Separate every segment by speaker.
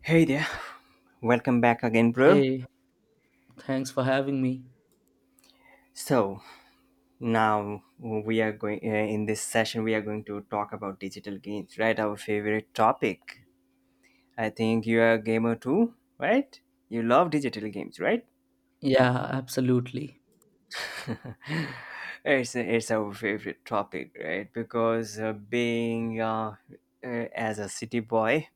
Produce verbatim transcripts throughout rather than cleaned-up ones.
Speaker 1: Hey there, welcome back again, bro.
Speaker 2: Hey, thanks for having me.
Speaker 1: So now we are going uh, in this session. We are going to talk about digital games, right? Our favorite topic. I think you are a gamer too, right? You love digital games, right?
Speaker 2: Yeah, absolutely.
Speaker 1: It's it's our favorite topic, right? Because uh, being uh, uh, as a city boy,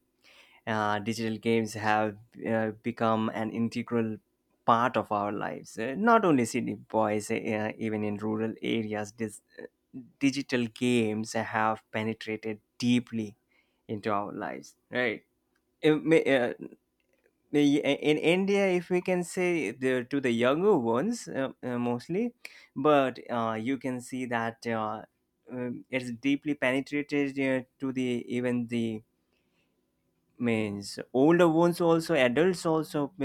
Speaker 1: uh, digital games have uh, become an integral part of our lives. Uh, not only city boys, uh, even in rural areas, dis digital games have penetrated deeply into our lives, right. Uh, may- uh, may- in India, if we can say, the, to the younger ones, uh, uh, mostly, but uh, you can see that uh, um, it's deeply penetrated uh, to the even the means older ones also, adults also uh,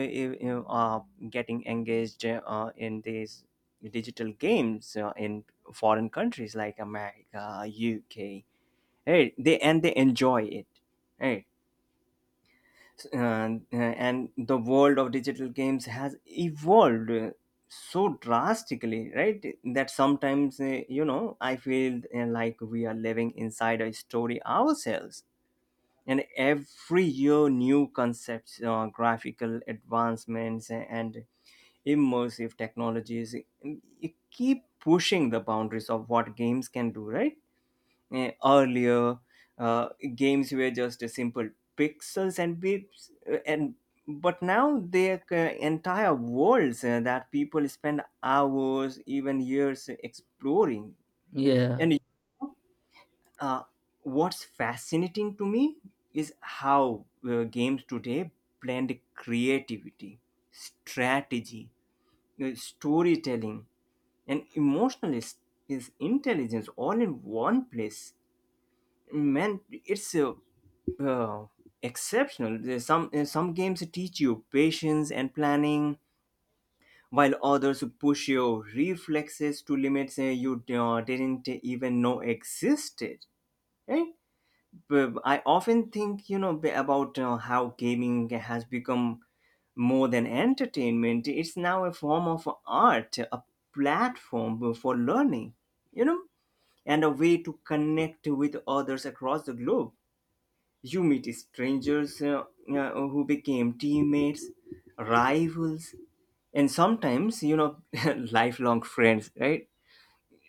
Speaker 1: uh, are getting engaged uh, in these digital games. Uh, in foreign countries like America, UK, right, they and they enjoy it, right. Uh, uh, and the world of digital games has evolved uh, so drastically, right, that sometimes uh, you know I feel uh, like we are living inside a story ourselves. And every year new concepts, uh, graphical advancements, uh, and immersive technologies uh, keep pushing the boundaries of what games can do, right. Eh, earlier, uh, games were just a simple pixels and beeps, uh, and but now their uh, entire worlds uh, that people spend hours, even years exploring.
Speaker 2: Yeah.
Speaker 1: And uh, what's fascinating to me is how uh, games today blend creativity, strategy, uh, storytelling, and emotional is, is intelligence all in one place. Man, it's uh, uh, exceptional. There's some uh, some games teach you patience and planning, while others push your reflexes to limits uh, you uh, didn't even know existed, right. But I often think, you know, about uh, how gaming has become more than entertainment. It's now a form of art, a platform for learning, you know, and a way to connect with others across the globe. You meet strangers, uh, uh, who became teammates, rivals, and sometimes, you know, lifelong friends, right?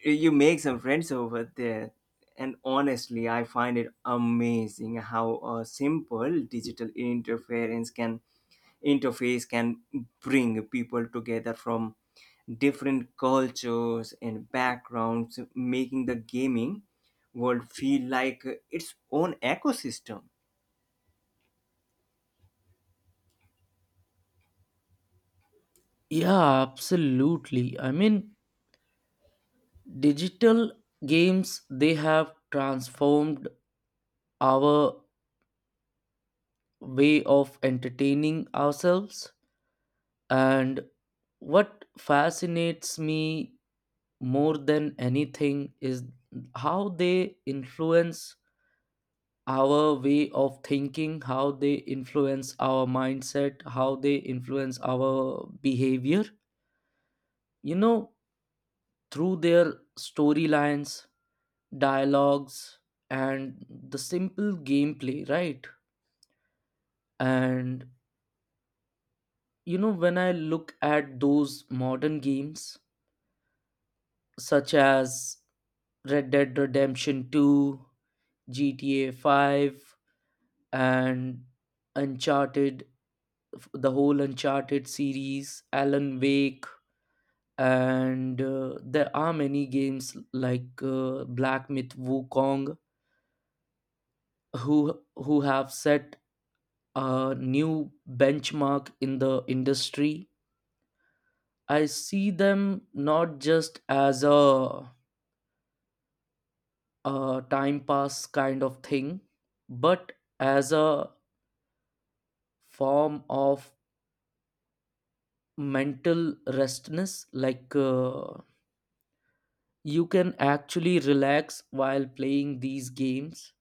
Speaker 1: You make some friends over there. And honestly, I find it amazing how a simple digital interference can interface can bring people together from different cultures and backgrounds, making the gaming world feel like its own ecosystem.
Speaker 2: Yeah, absolutely. I mean, digital games, they have transformed our way of entertaining ourselves. And what fascinates me more than anything is how they influence our way of thinking, how they influence our mindset, how they influence our behavior, you know, through their storylines, dialogues, and the simple gameplay, right? And you know, when I look at those modern games such as Red Dead Redemption two, GTA five, and Uncharted, f- the whole Uncharted series, Alan Wake, and uh, there are many games like uh, Black Myth Wukong who who have set a new benchmark in the industry. I see them not just as a, a time pass kind of thing, but as a form of mental restness. Like uh, you can actually relax while playing these games,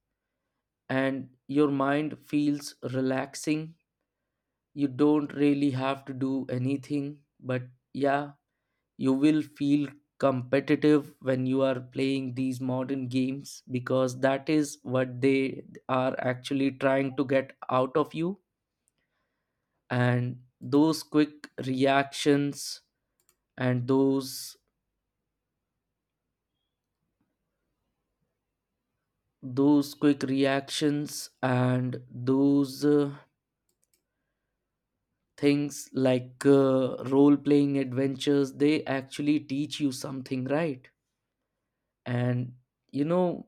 Speaker 2: and your mind feels relaxing. You don't really have to do anything, but yeah, you will feel competitive when you are playing these modern games, because that is what they are actually trying to get out of you. And those quick reactions and those those quick reactions and those uh, things like uh, role playing adventures, they actually teach you something, right? And you know,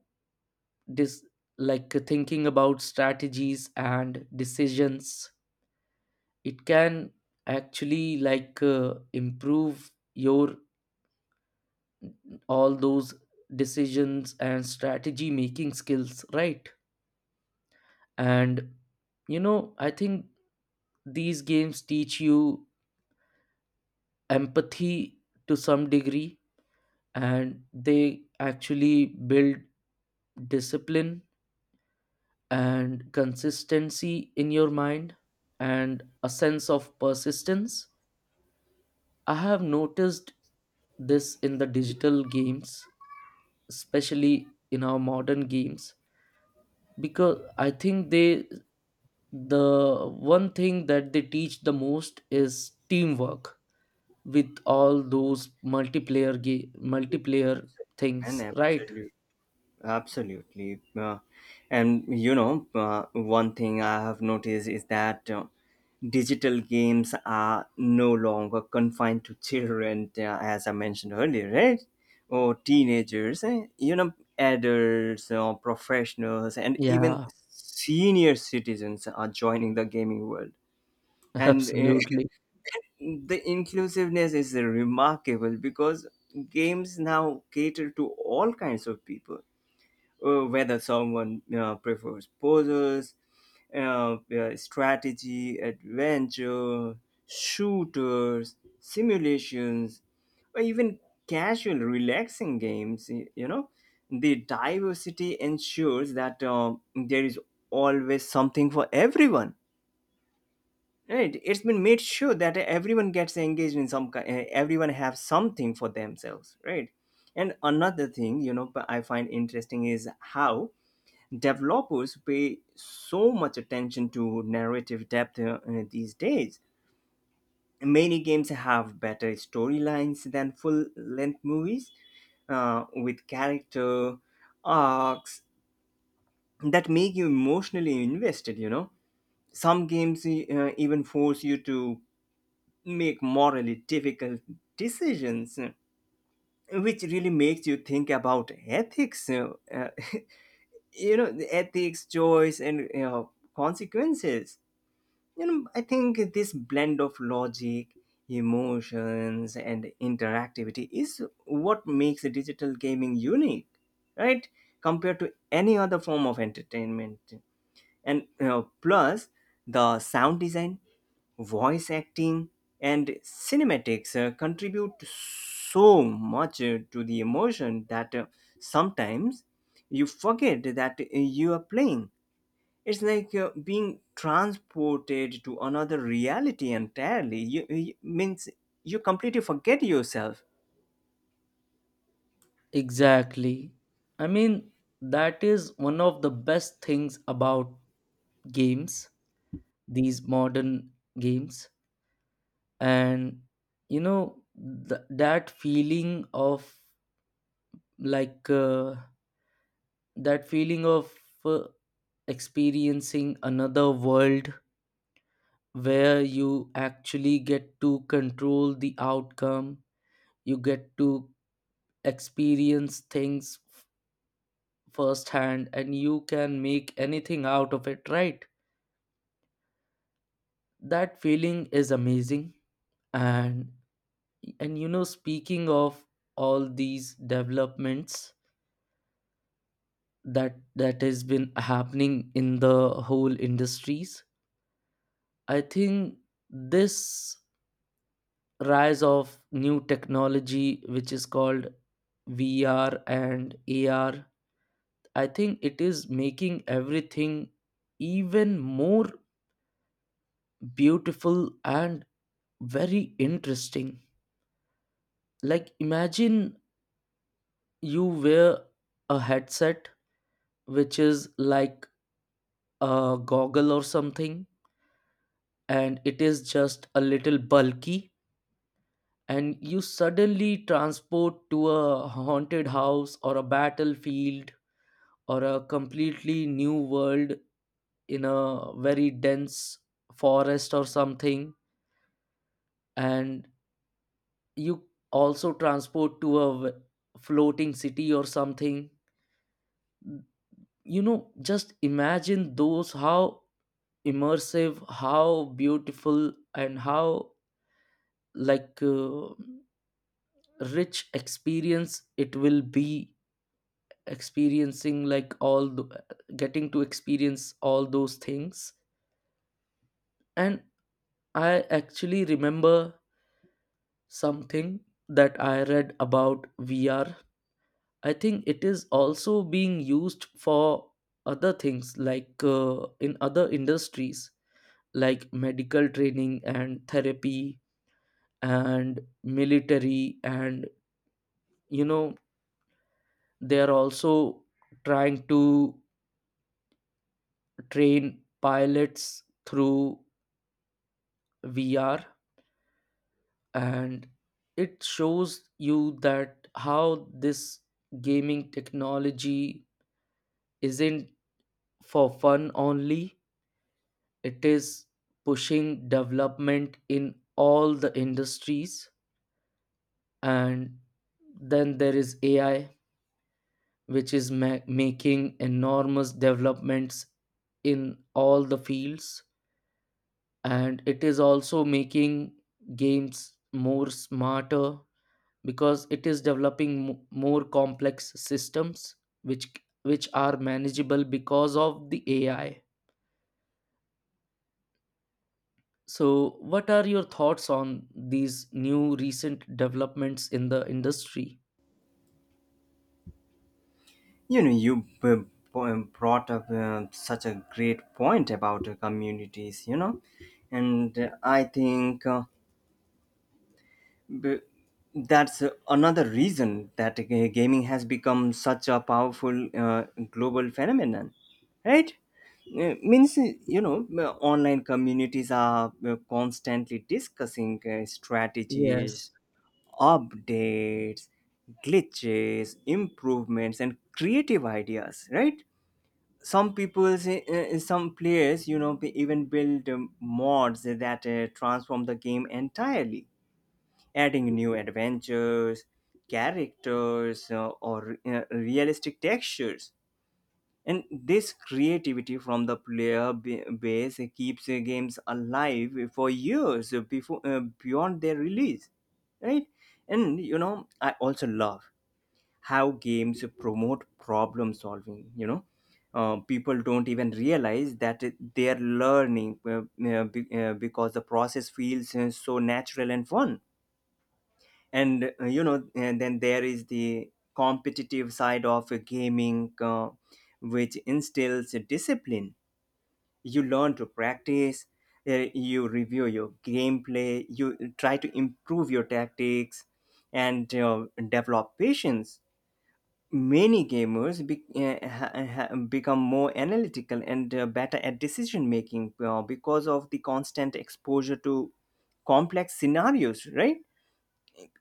Speaker 2: dis- like thinking about strategies and decisions, it can actually like uh, improve your all those decisions and strategy making skills, right? And you know, I think these games teach you empathy to some degree, and they actually build discipline and consistency in your mind and a sense of persistence. I have noticed this in the digital games, especially in our modern games, because I think they, the one thing that they teach the most is teamwork with all those multiplayer game multiplayer
Speaker 1: And
Speaker 2: things, right?
Speaker 1: absolutely, absolutely. Uh, and you know, uh, one thing I have noticed is that uh, digital games are no longer confined to children, uh, as I mentioned earlier, right? Or teenagers, eh? you know, adults or professionals, and even
Speaker 2: Yeah,
Speaker 1: senior citizens are joining the gaming world. And uh,
Speaker 2: absolutely.
Speaker 1: the inclusiveness is remarkable because games now cater to all kinds of people, uh, whether someone uh, prefers puzzles, uh, uh, strategy, adventure, shooters, simulations, or even casual, relaxing games. y- You know, the diversity ensures that um, there is always something for everyone. Right? It's been made sure that everyone gets engaged in some kind. Everyone have something for themselves, right? And another thing, you know, I find interesting is how developers pay so much attention to narrative depth uh, uh, these days. Many games have better storylines than full length movies uh, with character arcs that make you emotionally invested, you know. Some games uh, even force you to make morally difficult decisions, uh, which really makes you think about ethics, uh, uh, you know, the ethics, choice, and, you know, consequences. You know, I think this blend of logic, emotions, and interactivity is what makes digital gaming unique, right, compared to any other form of entertainment. And, you know, plus the sound design, voice acting, and cinematics uh, contribute so much uh, to the emotion that uh, sometimes you forget that uh, you are playing. It's like uh, being transported to another reality entirely. You, you- means you completely forget yourself.
Speaker 2: Exactly. I mean, that is one of the best things about games, these modern games. And you know, th- that feeling of like uh, that feeling of uh, experiencing another world where you actually get to control the outcome, you get to experience things f- firsthand, and you can make anything out of it, right? That feeling is amazing. And and you know, speaking of all these developments that that has been happening in the whole industries, I think this rise of new technology which is called VR and AR, I think it is making everything even more beautiful and very interesting. Like imagine you wear a headset which is like a goggle or something, and it is just a little bulky, and you suddenly transport to a haunted house or a battlefield or a completely new world in a very dense forest or something. And you also transport to a v- floating city or something. You know, just imagine those, how immersive, how beautiful, and how like uh, rich experience it will be, experiencing like all the, getting to experience all those things. And I actually remember something that I read about VR. I think it is also being used for other things, like uh, in other industries like medical training and therapy and military. And you know, they are also trying to train pilots through VR. And it shows you that how this gaming technology isn't for fun only, it is pushing development in all the industries. And then there is AI, which is ma- making enormous developments in all the fields. And it is also making games more smarter, because it is developing mo- more complex systems which which are manageable because of the A I. So, what are your thoughts on these new recent developments in the industry?
Speaker 1: You know, you b- b- brought up uh, such a great point about uh, communities, you know. And uh, I think uh, But that's another reason that g- gaming has become such a powerful uh, global phenomenon, right? Uh, means You know, uh, online communities are uh, constantly discussing uh,
Speaker 2: Yes,
Speaker 1: strategies, updates, glitches, improvements, and creative ideas, right. Some people's uh, uh, some players, you know, they even build um, mods that uh, transform the game entirely, adding new adventures, characters, uh, or uh, realistic textures. And this creativity from the player b- base keeps uh, games alive for years before uh, beyond their release, right? And you know, I also love how games promote problem solving. You know, uh, people don't even realize that they are learning, uh, uh, be- uh, because the process feels uh, so natural and fun. And, uh, you know, and then there is the competitive side of uh, gaming, uh, which instills a discipline. You learn to practice, uh, you review your gameplay, you try to improve your tactics, and uh, develop patience. Many gamers be, uh, ha, ha- become more analytical and uh, better at decision making uh, because of the constant exposure to complex scenarios, right.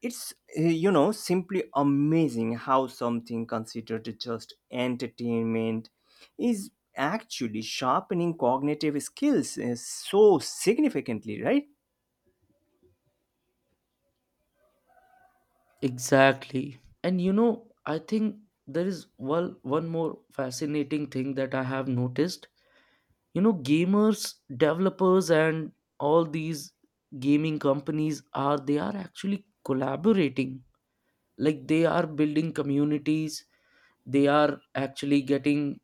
Speaker 1: It's, uh, you know, simply amazing how something considered just entertainment is actually sharpening cognitive skills uh, so significantly, right?
Speaker 2: exactly. And you know, I think there is one one more fascinating thing that I have noticed. You know, gamers, developers, and all these gaming companies are, they are actually collaborating. Like they are building communities, they are actually getting,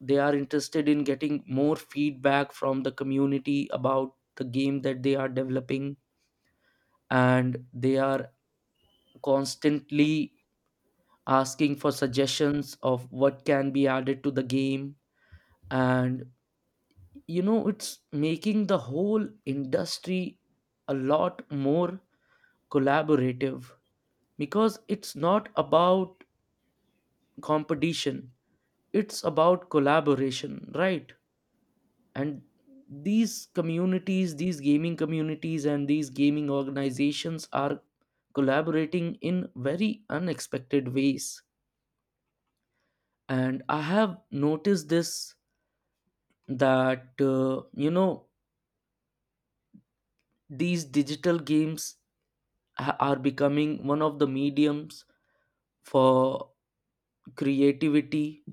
Speaker 2: they are interested in getting more feedback from the community about the game that they are developing, and they are constantly asking for suggestions of what can be added to the game. And you know, it's making the whole industry a lot more collaborative, because it's not about competition, it's about collaboration, right? And these communities, these gaming communities and these gaming organizations are collaborating in very unexpected ways. And I have noticed this, that uh, you know, these digital games ha- are becoming one of the mediums for creativity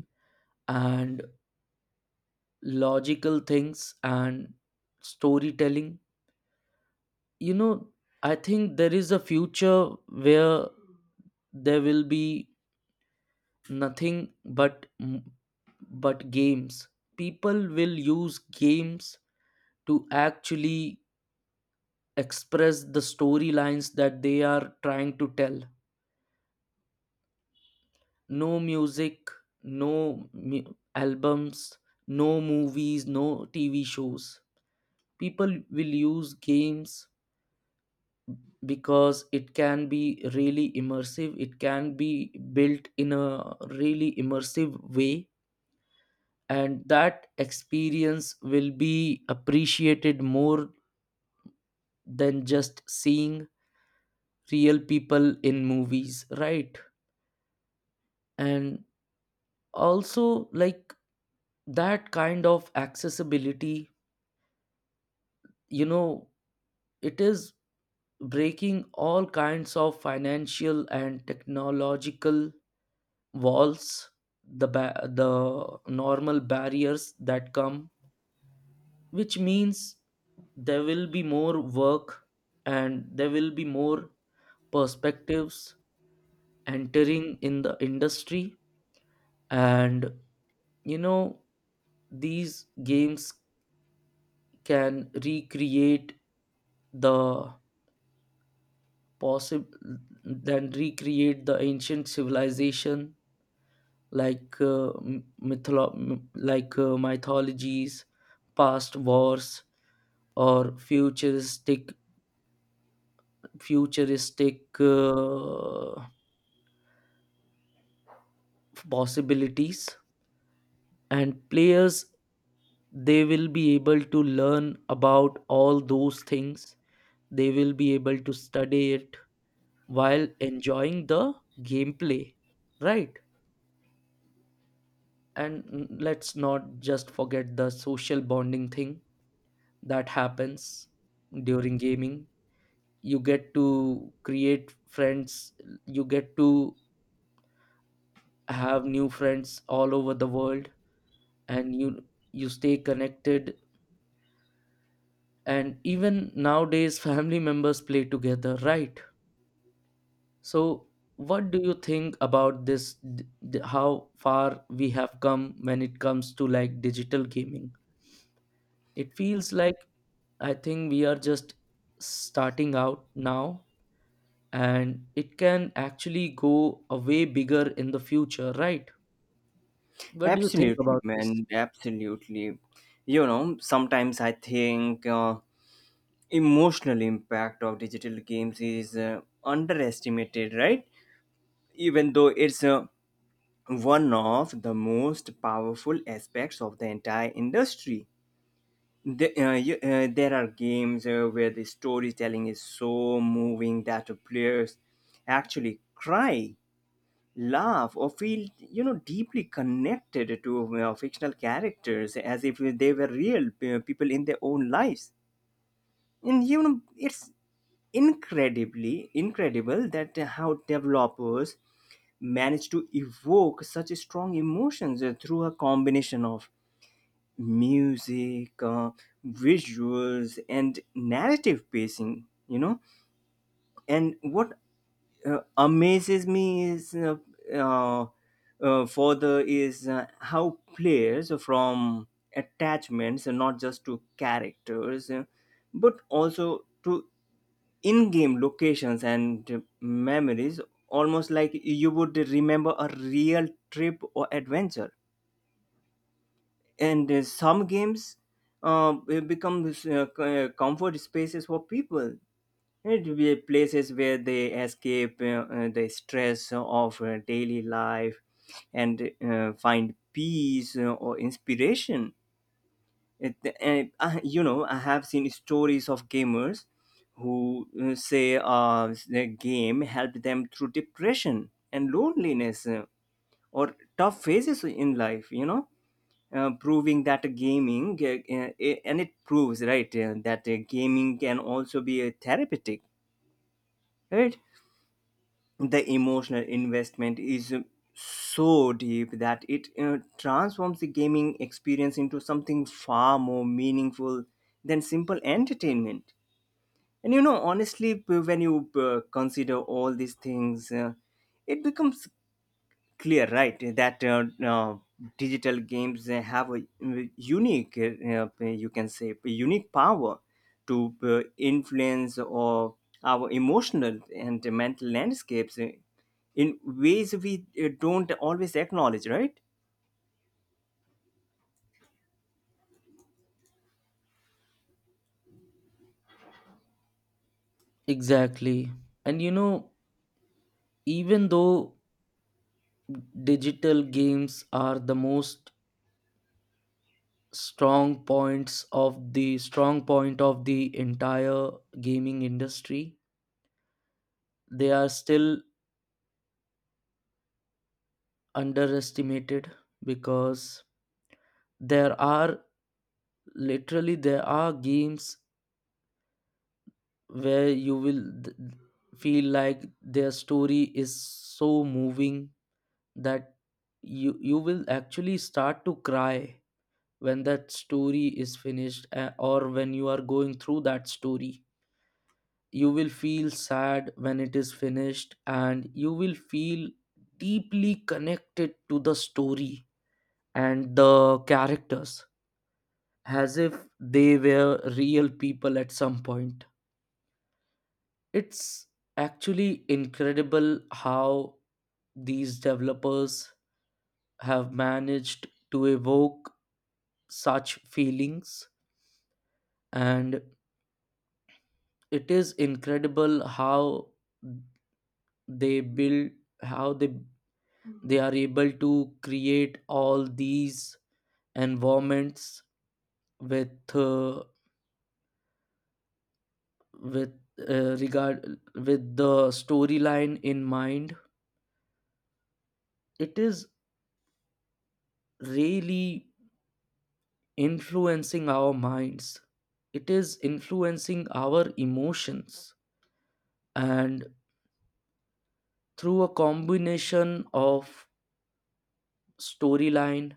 Speaker 2: and logical things and storytelling. You know, I think there is a future where there will be nothing but but games. People will use games to actually express the storylines that they are trying to tell. No music, no mu- albums, no movies, no TV shows. People will use games because it can be really immersive, it can be built in a really immersive way. And that experience will be appreciated more than just seeing real people in movies, right? And also like that kind of accessibility, you know, it is breaking all kinds of financial and technological walls, the ba- the normal barriers that come, which means there will be more work and there will be more perspectives entering in the industry. And you know, these games can recreate the possible, then recreate the ancient civilization, like uh, m- mytholo- m- like uh, mythologies, past wars, or futuristic futuristic uh, possibilities. And players, they will be able to learn about all those things. They will be able to study it while enjoying the gameplay, right? And mm, let's not just forget the social bonding thing that happens during gaming. You get to create friends, you get to have new friends all over the world, and you you stay connected. And even nowadays, family members play together, right? So what do you think about this, d- d- how far we have come when it comes to like digital gaming? It feels like, I think we are just starting out now, and it can actually go a way bigger in the future, right? What do you think
Speaker 1: Absolutely,
Speaker 2: about this?
Speaker 1: man. Absolutely. You know, sometimes I think uh, emotional impact of digital games is uh, underestimated, right? Even though it's uh, one of the most powerful aspects of the entire industry. The, uh, you, uh, there are games uh, where the storytelling is so moving that players actually cry, laugh, or feel, you know, deeply connected to uh, fictional characters as if they were real uh, people in their own lives. And, you know, it's incredibly incredible that uh, how developers manage to evoke such strong emotions uh, through a combination of music, uh, visuals, and narrative pacing, you know. And what uh, amazes me is uh, uh, uh, further is uh, how players from attachments, and not just to characters, uh, but also to in game locations and memories, almost like you would remember a real trip or adventure. And uh, some games uh, will become uh, co- uh, comfort spaces for people. It will be places where they escape uh, uh, the stress of uh, daily life and uh, find peace uh, or inspiration. It, and I, you know I have seen stories of gamers who uh, say uh, the game helped them through depression and loneliness, uh, or tough phases in life, you know. Uh, proving that gaming uh, uh, and It proves, right, uh, that uh, gaming can also be a therapeutic, right. The emotional investment is uh, so deep that it uh, transforms the gaming experience into something far more meaningful than simple entertainment. And you know, honestly, p- when you uh, consider all these things, uh, it becomes clear, right, that uh, uh, digital games uh, have a uh, unique, uh, uh, you can say, unique power to uh, influence or our emotional and mental landscapes uh, in ways we uh, don't always acknowledge, right.
Speaker 2: Exactly. And you know, even though digital games are the most strong points of the strong point of the entire gaming industry, they are still underestimated. Because there are literally there are games where you will th- feel like their story is so moving that you you will actually start to cry when that story is finished, uh, or when you are going through that story, you will feel sad when it is finished, and you will feel deeply connected to the story and the characters as if they were real people at some point. It's actually incredible how these developers have managed to evoke such feelings. And it is incredible how they build, how they they are able to create all these environments with uh, with uh, regard with the storyline in mind. It is really influencing our minds, it is influencing our emotions. And through a combination of storyline,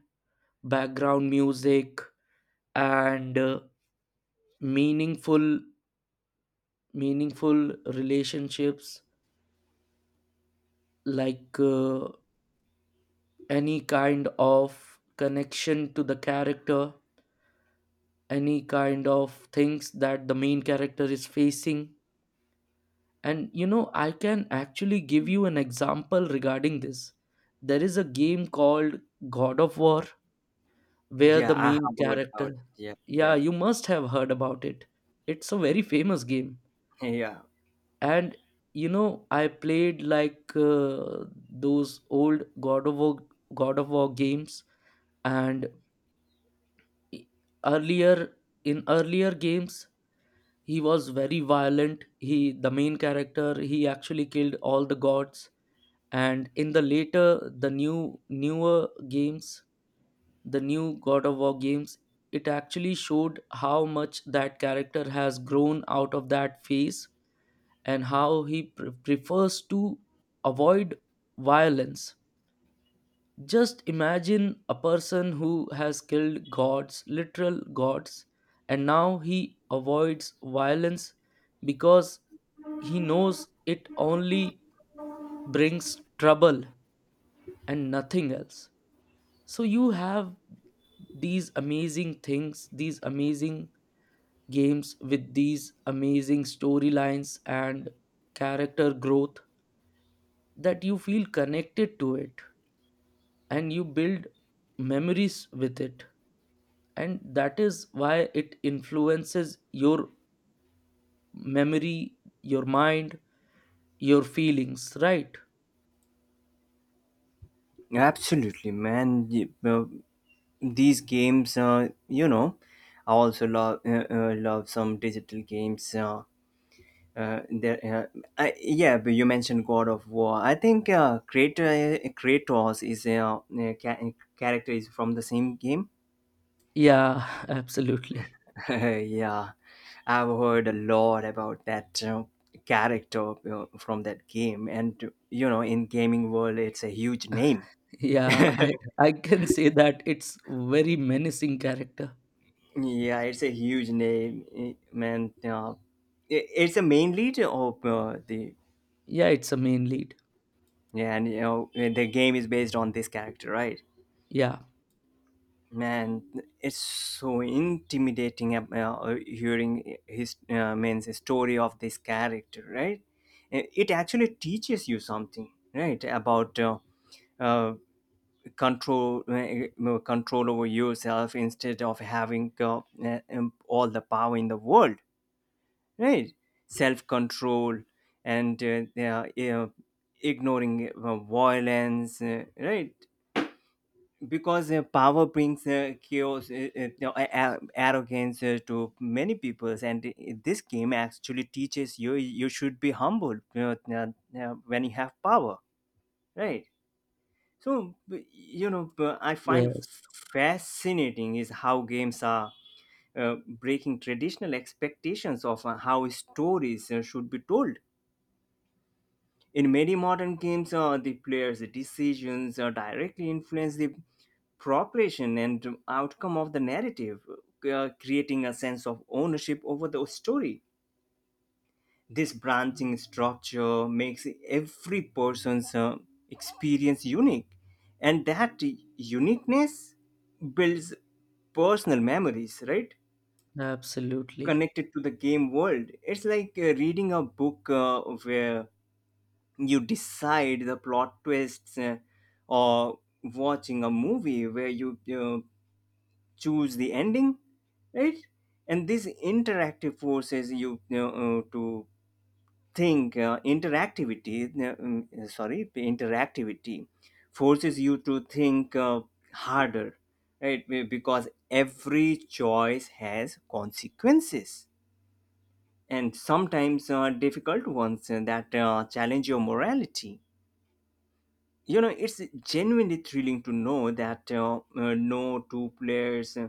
Speaker 2: background music, and uh, meaningful meaningful relationships, like uh, any kind of connection to the character, any kind of things that the main character is facing. And you know, I can actually give you an example regarding this. There is a game called God of War where the
Speaker 1: Yeah, I
Speaker 2: main
Speaker 1: have heard
Speaker 2: character,
Speaker 1: about it.
Speaker 2: yeah
Speaker 1: Yeah,
Speaker 2: you must have heard about it, it's a very famous game.
Speaker 1: yeah. Yeah,
Speaker 2: And you know, I played like uh, those old God of War god of war games. And e- earlier, in earlier games, he was very violent. He, the main character, he actually killed all the gods. And in the later, the new newer games, the new God of War games, it actually showed how much that character has grown out of that phase, and how he pre- prefers to avoid violence. Just imagine a person who has killed gods, literal gods, and now he avoids violence because he knows it only brings trouble and nothing else. So you have these amazing things, these amazing games with these amazing storylines and character growth that you feel connected to it and you build memories with it. And that is why it influences your memory, your mind, your feelings, right?
Speaker 1: absolutely, man. Y- uh, these games, uh, you know, I also love uh, uh, love some digital games. Uh, Uh, there, uh, I, yeah, but you mentioned God of War. I think uh, Kratos, Kratos is a uh, uh, ca- uh, character is from the same game.
Speaker 2: Yeah, absolutely.
Speaker 1: Yeah, I've heard a lot about that uh, character uh, from that game, and you know, in gaming world, it's a huge name.
Speaker 2: Yeah,
Speaker 1: Yeah,
Speaker 2: i i can say that it's very menacing character.
Speaker 1: it's a huge name, eh, man. Uh, it- it's a main lead of uh, the—
Speaker 2: Yeah, it's a main lead.
Speaker 1: yeah, and you know, the game is based on this character, right?
Speaker 2: Yeah.
Speaker 1: Man, it's so intimidating, uh, uh, hearing his, uh, means the story of this character, right. Uh, it actually teaches you something, right, about uh, uh, control uh, uh, uh, control over yourself instead of having uh, uh, um, all the power in the world, right. Self control, and uh, uh, uh, ignoring uh, violence, uh, right. Because uh, power brings uh, chaos, uh, uh, no, a- a- arrogance uh, to many peoples, and uh, this game actually teaches you you should be humble, you know, uh, uh, when you have power, right? So, b- you know, b- I find
Speaker 2: Yes,
Speaker 1: fascinating is how games are uh, breaking traditional expectations of uh, how stories uh, should be told. In many modern games, uh, the player's decisions uh, directly influence the progression and outcome of the narrative, uh, creating a sense of ownership over the story. This branching structure makes every person's uh, experience unique, and that uniqueness builds personal memories, right?
Speaker 2: absolutely.
Speaker 1: Connected to the game world. It's like uh, reading a book uh, where you decide the plot twists uh, or watching a movie where you uh, choose the ending, right? And this interactive forces you, you uh, to think, uh, interactivity uh, um, sorry interactivity forces you to think uh, harder, right. Be- because every choice has consequences and sometimes uh, difficult ones uh, that uh, challenge your morality, you know. It's genuinely thrilling to know that uh, uh, no two players uh,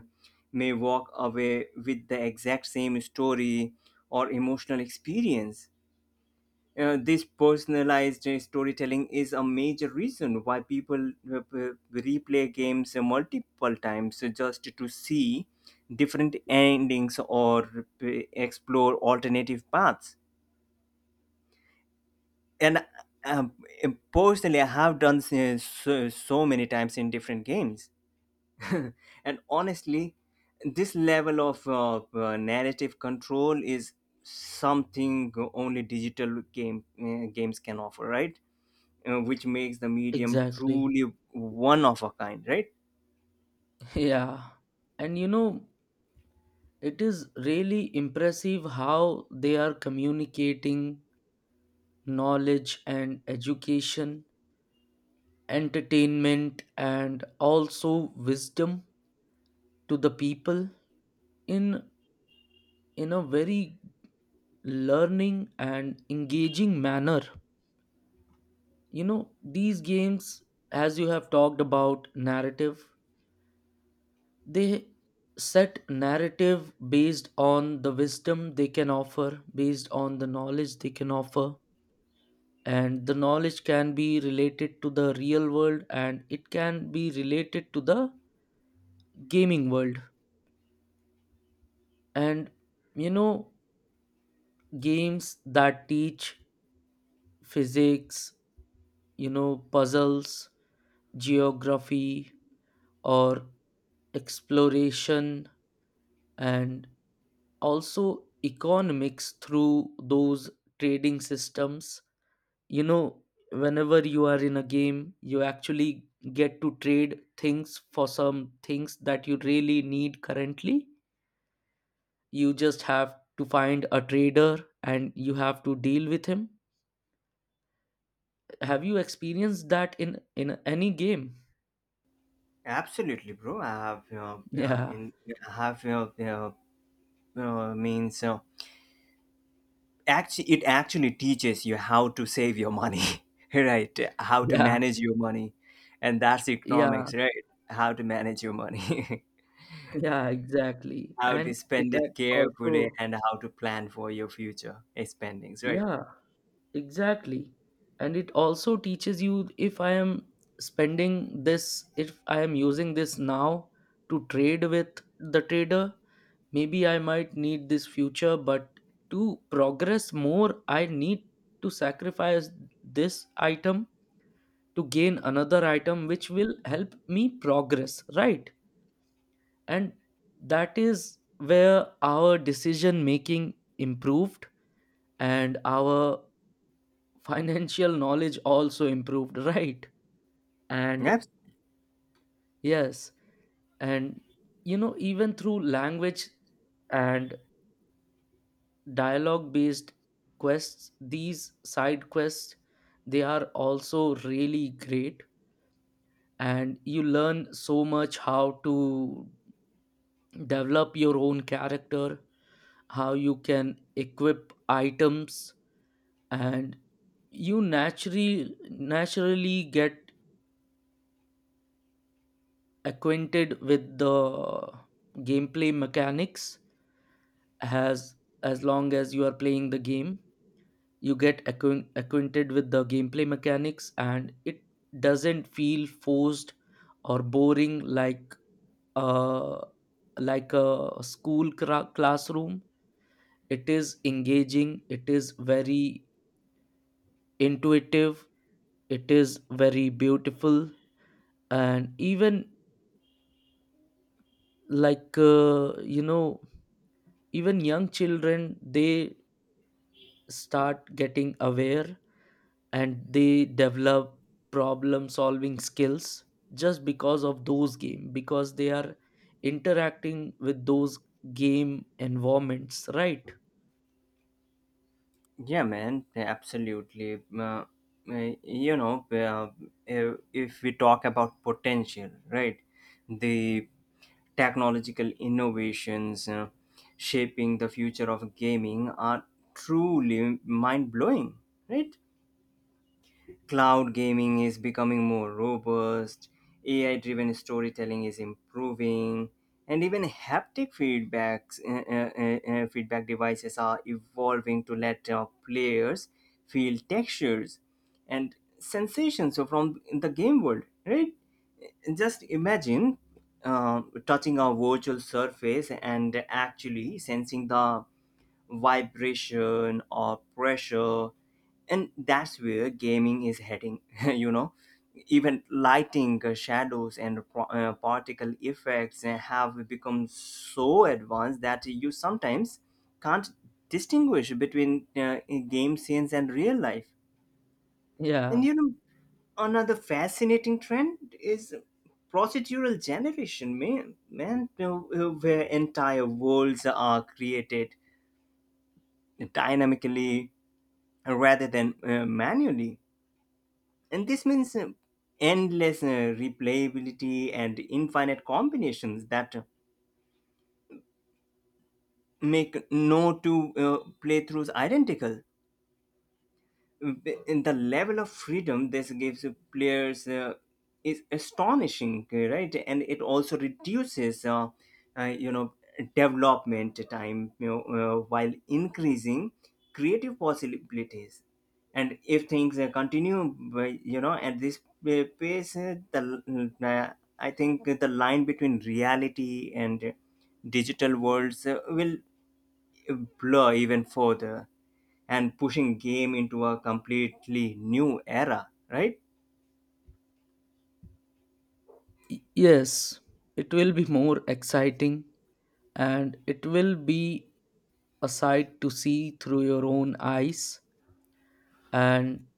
Speaker 1: may walk away with the exact same story or emotional experience. Uh, this personalized uh, storytelling is a major reason why people uh, uh, replay games uh, multiple times uh, just to see different endings or uh, explore alternative paths. And um, personally, I have done uh, so, so many times in different games. And honestly, this level of uh, uh, narrative control is something only digital game uh, games can offer, right? Uh, which makes the medium
Speaker 2: Exactly.
Speaker 1: truly one of a kind, right?
Speaker 2: Yeah. And you know, it is really impressive how they are communicating knowledge and education, entertainment, and also wisdom to the people in, in a very learning and engaging manner. You know, these games, as you have talked about narrative, they set narrative based on the wisdom they can offer, based on the knowledge they can offer, and the knowledge can be related to the real world and it can be related to the gaming world. And you know, games that teach physics, you know, puzzles, geography, or exploration, and also economics through those trading systems. You know, whenever you are in a game you actually get to trade things for some things that you really need currently. You just have to find a trader and you have to deal with him. Have you experienced that in in any game?
Speaker 1: Absolutely, bro. I have uh, uh,
Speaker 2: yeah
Speaker 1: in I have uh, uh, uh, means uh, actually, it actually teaches you how to save your money, right? How to
Speaker 2: yeah
Speaker 1: manage your money, and that's
Speaker 2: yeah
Speaker 1: economics, right? How to manage your money.
Speaker 2: yeah exactly,
Speaker 1: How
Speaker 2: and
Speaker 1: to
Speaker 2: it
Speaker 1: spend it
Speaker 2: ac-
Speaker 1: carefully
Speaker 2: also.
Speaker 1: and how to plan for your future spendings, right?
Speaker 2: Yeah. Exactly. And it also teaches you, if I am spending this, if I am using this now to trade with the trader, maybe I might need this future, but to progress more, I need to sacrifice this item to gain another item, which will help me progress, right? And that is where our decision making improved and our financial knowledge also improved. Right. And
Speaker 1: Abs-
Speaker 2: yes, and you know, even through language and dialogue based quests, these side quests, they are also really great, and you learn so much, how to develop your own character, how you can equip items. And you naturally naturally get acquainted with the gameplay mechanics. as as long as you are playing the game you get acquaint- acquainted with the gameplay mechanics and it doesn't feel forced or boring, like uh like a school cra- classroom. It is engaging, it is very intuitive, it is very beautiful. And even, like uh, you know even young children, they start getting aware and they develop problem solving skills just because of those game, because they are interacting with those game environments, right?
Speaker 1: yeah, man, absolutely. Uh, uh, you know, uh, if if we talk about potential, right, the technological innovations uh, shaping the future of gaming are truly mind blowing, right? Cloud gaming is becoming more robust, A I driven storytelling is improving, and even haptic feedbacks, uh, uh, uh, uh, feedback devices are evolving to let uh, players feel textures and sensations. So, from the game world, right? Just imagine uh, touching a virtual surface and actually sensing the vibration or pressure. And that's where gaming is heading. You know, even lighting, uh, shadows, and pro- uh, particle effects uh, have become so advanced that you sometimes can't distinguish between uh, game scenes and real life.
Speaker 2: Yeah.
Speaker 1: And you know, another fascinating trend is procedural generation, man, man you know, where entire worlds are created dynamically rather than uh, manually. And this means uh, endless uh, replayability and infinite combinations that make no two uh, playthroughs identical. In the level of freedom this gives players uh, is astonishing, right. And it also reduces, uh, uh, you know, development time, you know, uh, while increasing creative possibilities. And if things uh, continue by- you know, at this uh, pace, uh, the uh, I think the line between reality and digital worlds uh, will blur even further, and pushing game into a completely new era, right.
Speaker 2: Y- yes, it will be more exciting, and it will be a sight to see through your own eyes. And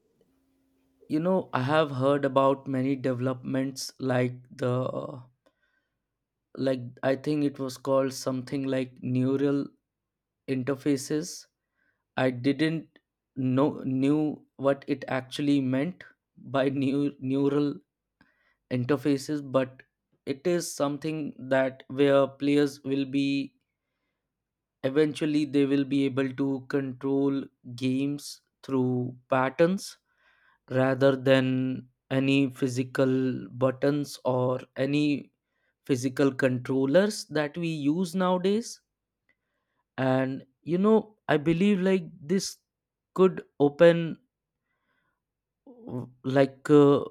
Speaker 2: you know, I have heard about many developments, like the, like I think it was called something like neural interfaces. I didn't know knew what it actually meant by new neural interfaces, but it is something that where players will be, eventually they will be able to control games through patterns rather than any physical buttons or any physical controllers that we use nowadays. And you know, I believe like this could open, w- like uh,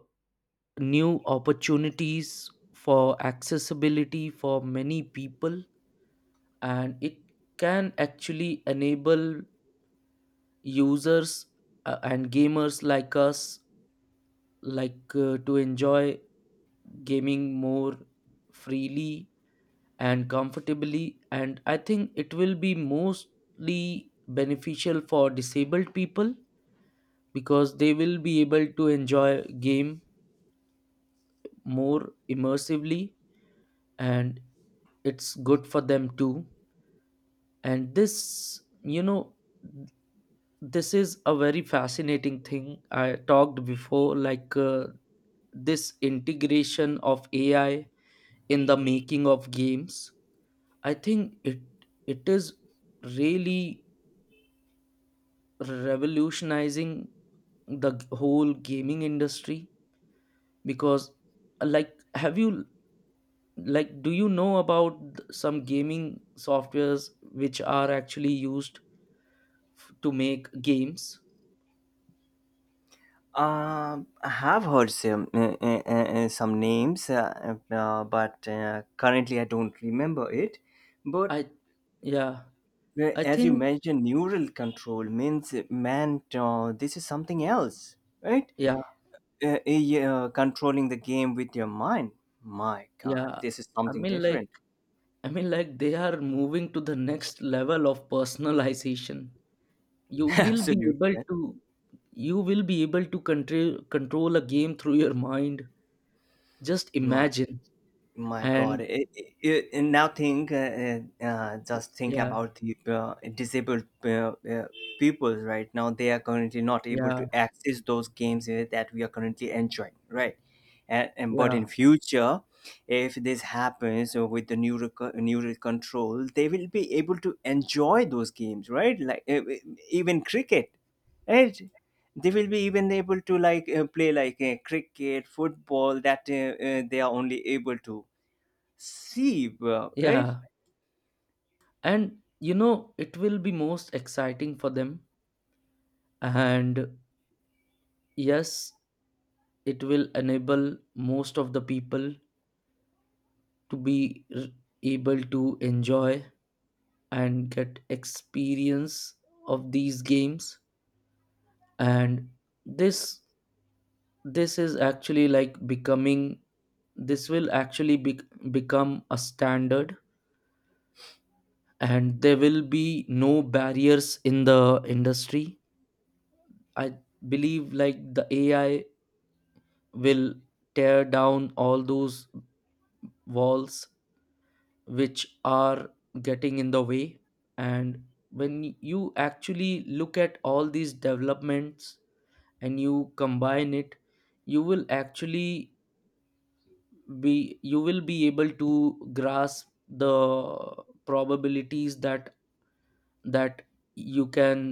Speaker 2: new opportunities for accessibility for many people. And it can actually enable users, uh, and gamers like us, like uh, to enjoy gaming more freely and comfortably. And I think it will be mostly beneficial for disabled people, because they will be able to enjoy game more immersively, and it's good for them too. And this you know this is a very fascinating thing I talked before, like uh, this integration of A I in the making of games. I think it, it is really revolutionizing the g- whole gaming industry, because, uh, like have you, like do you know about th- some gaming softwares which are actually used f- to make games?
Speaker 1: um I have heard some uh, uh, uh, uh, some names, uh, uh, but uh, currently I don't remember it. But
Speaker 2: I, yeah,
Speaker 1: uh,
Speaker 2: I
Speaker 1: as you
Speaker 2: think.
Speaker 1: mentioned, neural control means, man, uh, this is something else, right.
Speaker 2: Yeah.
Speaker 1: Uh, uh, yeah, uh, controlling the game with your mind, my
Speaker 2: Yeah,
Speaker 1: god, this is
Speaker 2: I
Speaker 1: something
Speaker 2: mean
Speaker 1: different.
Speaker 2: like, i mean like they are moving to the next level of personalization. You will be
Speaker 1: Absolutely,
Speaker 2: able
Speaker 1: man.
Speaker 2: to, you will be able to control control a game through your mind, just
Speaker 1: my
Speaker 2: imagine.
Speaker 1: My God,
Speaker 2: And
Speaker 1: it, it, it- now think, uh, uh, uh, just think
Speaker 2: yeah.
Speaker 1: about the uh, disabled uh, uh, people right now. They are currently not able
Speaker 2: yeah
Speaker 1: to access those games uh, that we are currently enjoying, right? And, and But
Speaker 2: yeah
Speaker 1: in future, if this happens uh, with the neural co- neural control, they will be able to enjoy those games, right? Like uh, uh, even cricket, right? They will be even able to, like, uh, play, like, uh, cricket, football, that uh, uh, they are only able to see, well, right?
Speaker 2: yeah and you know, it will be most exciting for them. And yes, it will enable most of the people to be r- able to enjoy and get experience of these games. And this this is actually like becoming, this will actually be, become a standard, and there will be no barriers in the industry. I believe like the A I will tear down all those walls which are getting in the way. And when you actually look at all these developments and you combine it, you will actually be, you will be able to grasp the probabilities that, that you can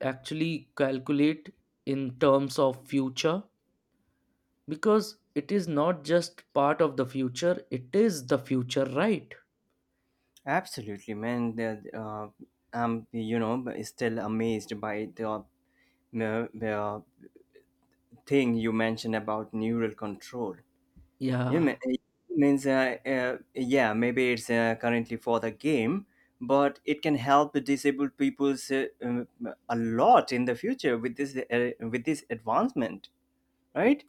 Speaker 2: actually calculate in terms of future, because it is not just part of the future, it is the future, right?
Speaker 1: Absolutely, man. The- Uh, I'm, you know, b- still amazed by the, uh, the thing you mentioned about neural control. You mean,
Speaker 2: Yeah.
Speaker 1: it means, uh, uh, yeah, maybe it's uh, currently for the game, but it can help disabled people's uh, um, a lot in the future with this, uh, with this advancement, right?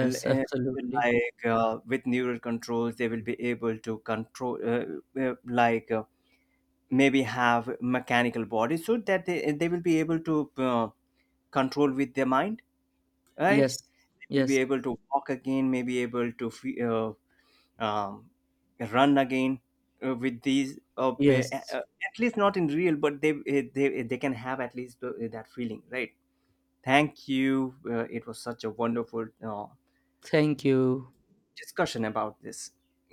Speaker 1: L- uh,
Speaker 2: absolutely.
Speaker 1: like uh, with neural controls, they will be able to control, uh, uh, like uh, maybe have mechanical bodies so that they, they will be able to uh, control with their mind, right.
Speaker 2: Yes.
Speaker 1: They'll be
Speaker 2: Yes.
Speaker 1: able to walk again, maybe able to fe- uh, um, run again uh, with these uh, uh,
Speaker 2: Yes.
Speaker 1: uh, at least not in real, but they uh, they, they can have at least uh, that feeling, right. Thank you, uh, it was such a wonderful uh,
Speaker 2: Thank you.
Speaker 1: discussion about this.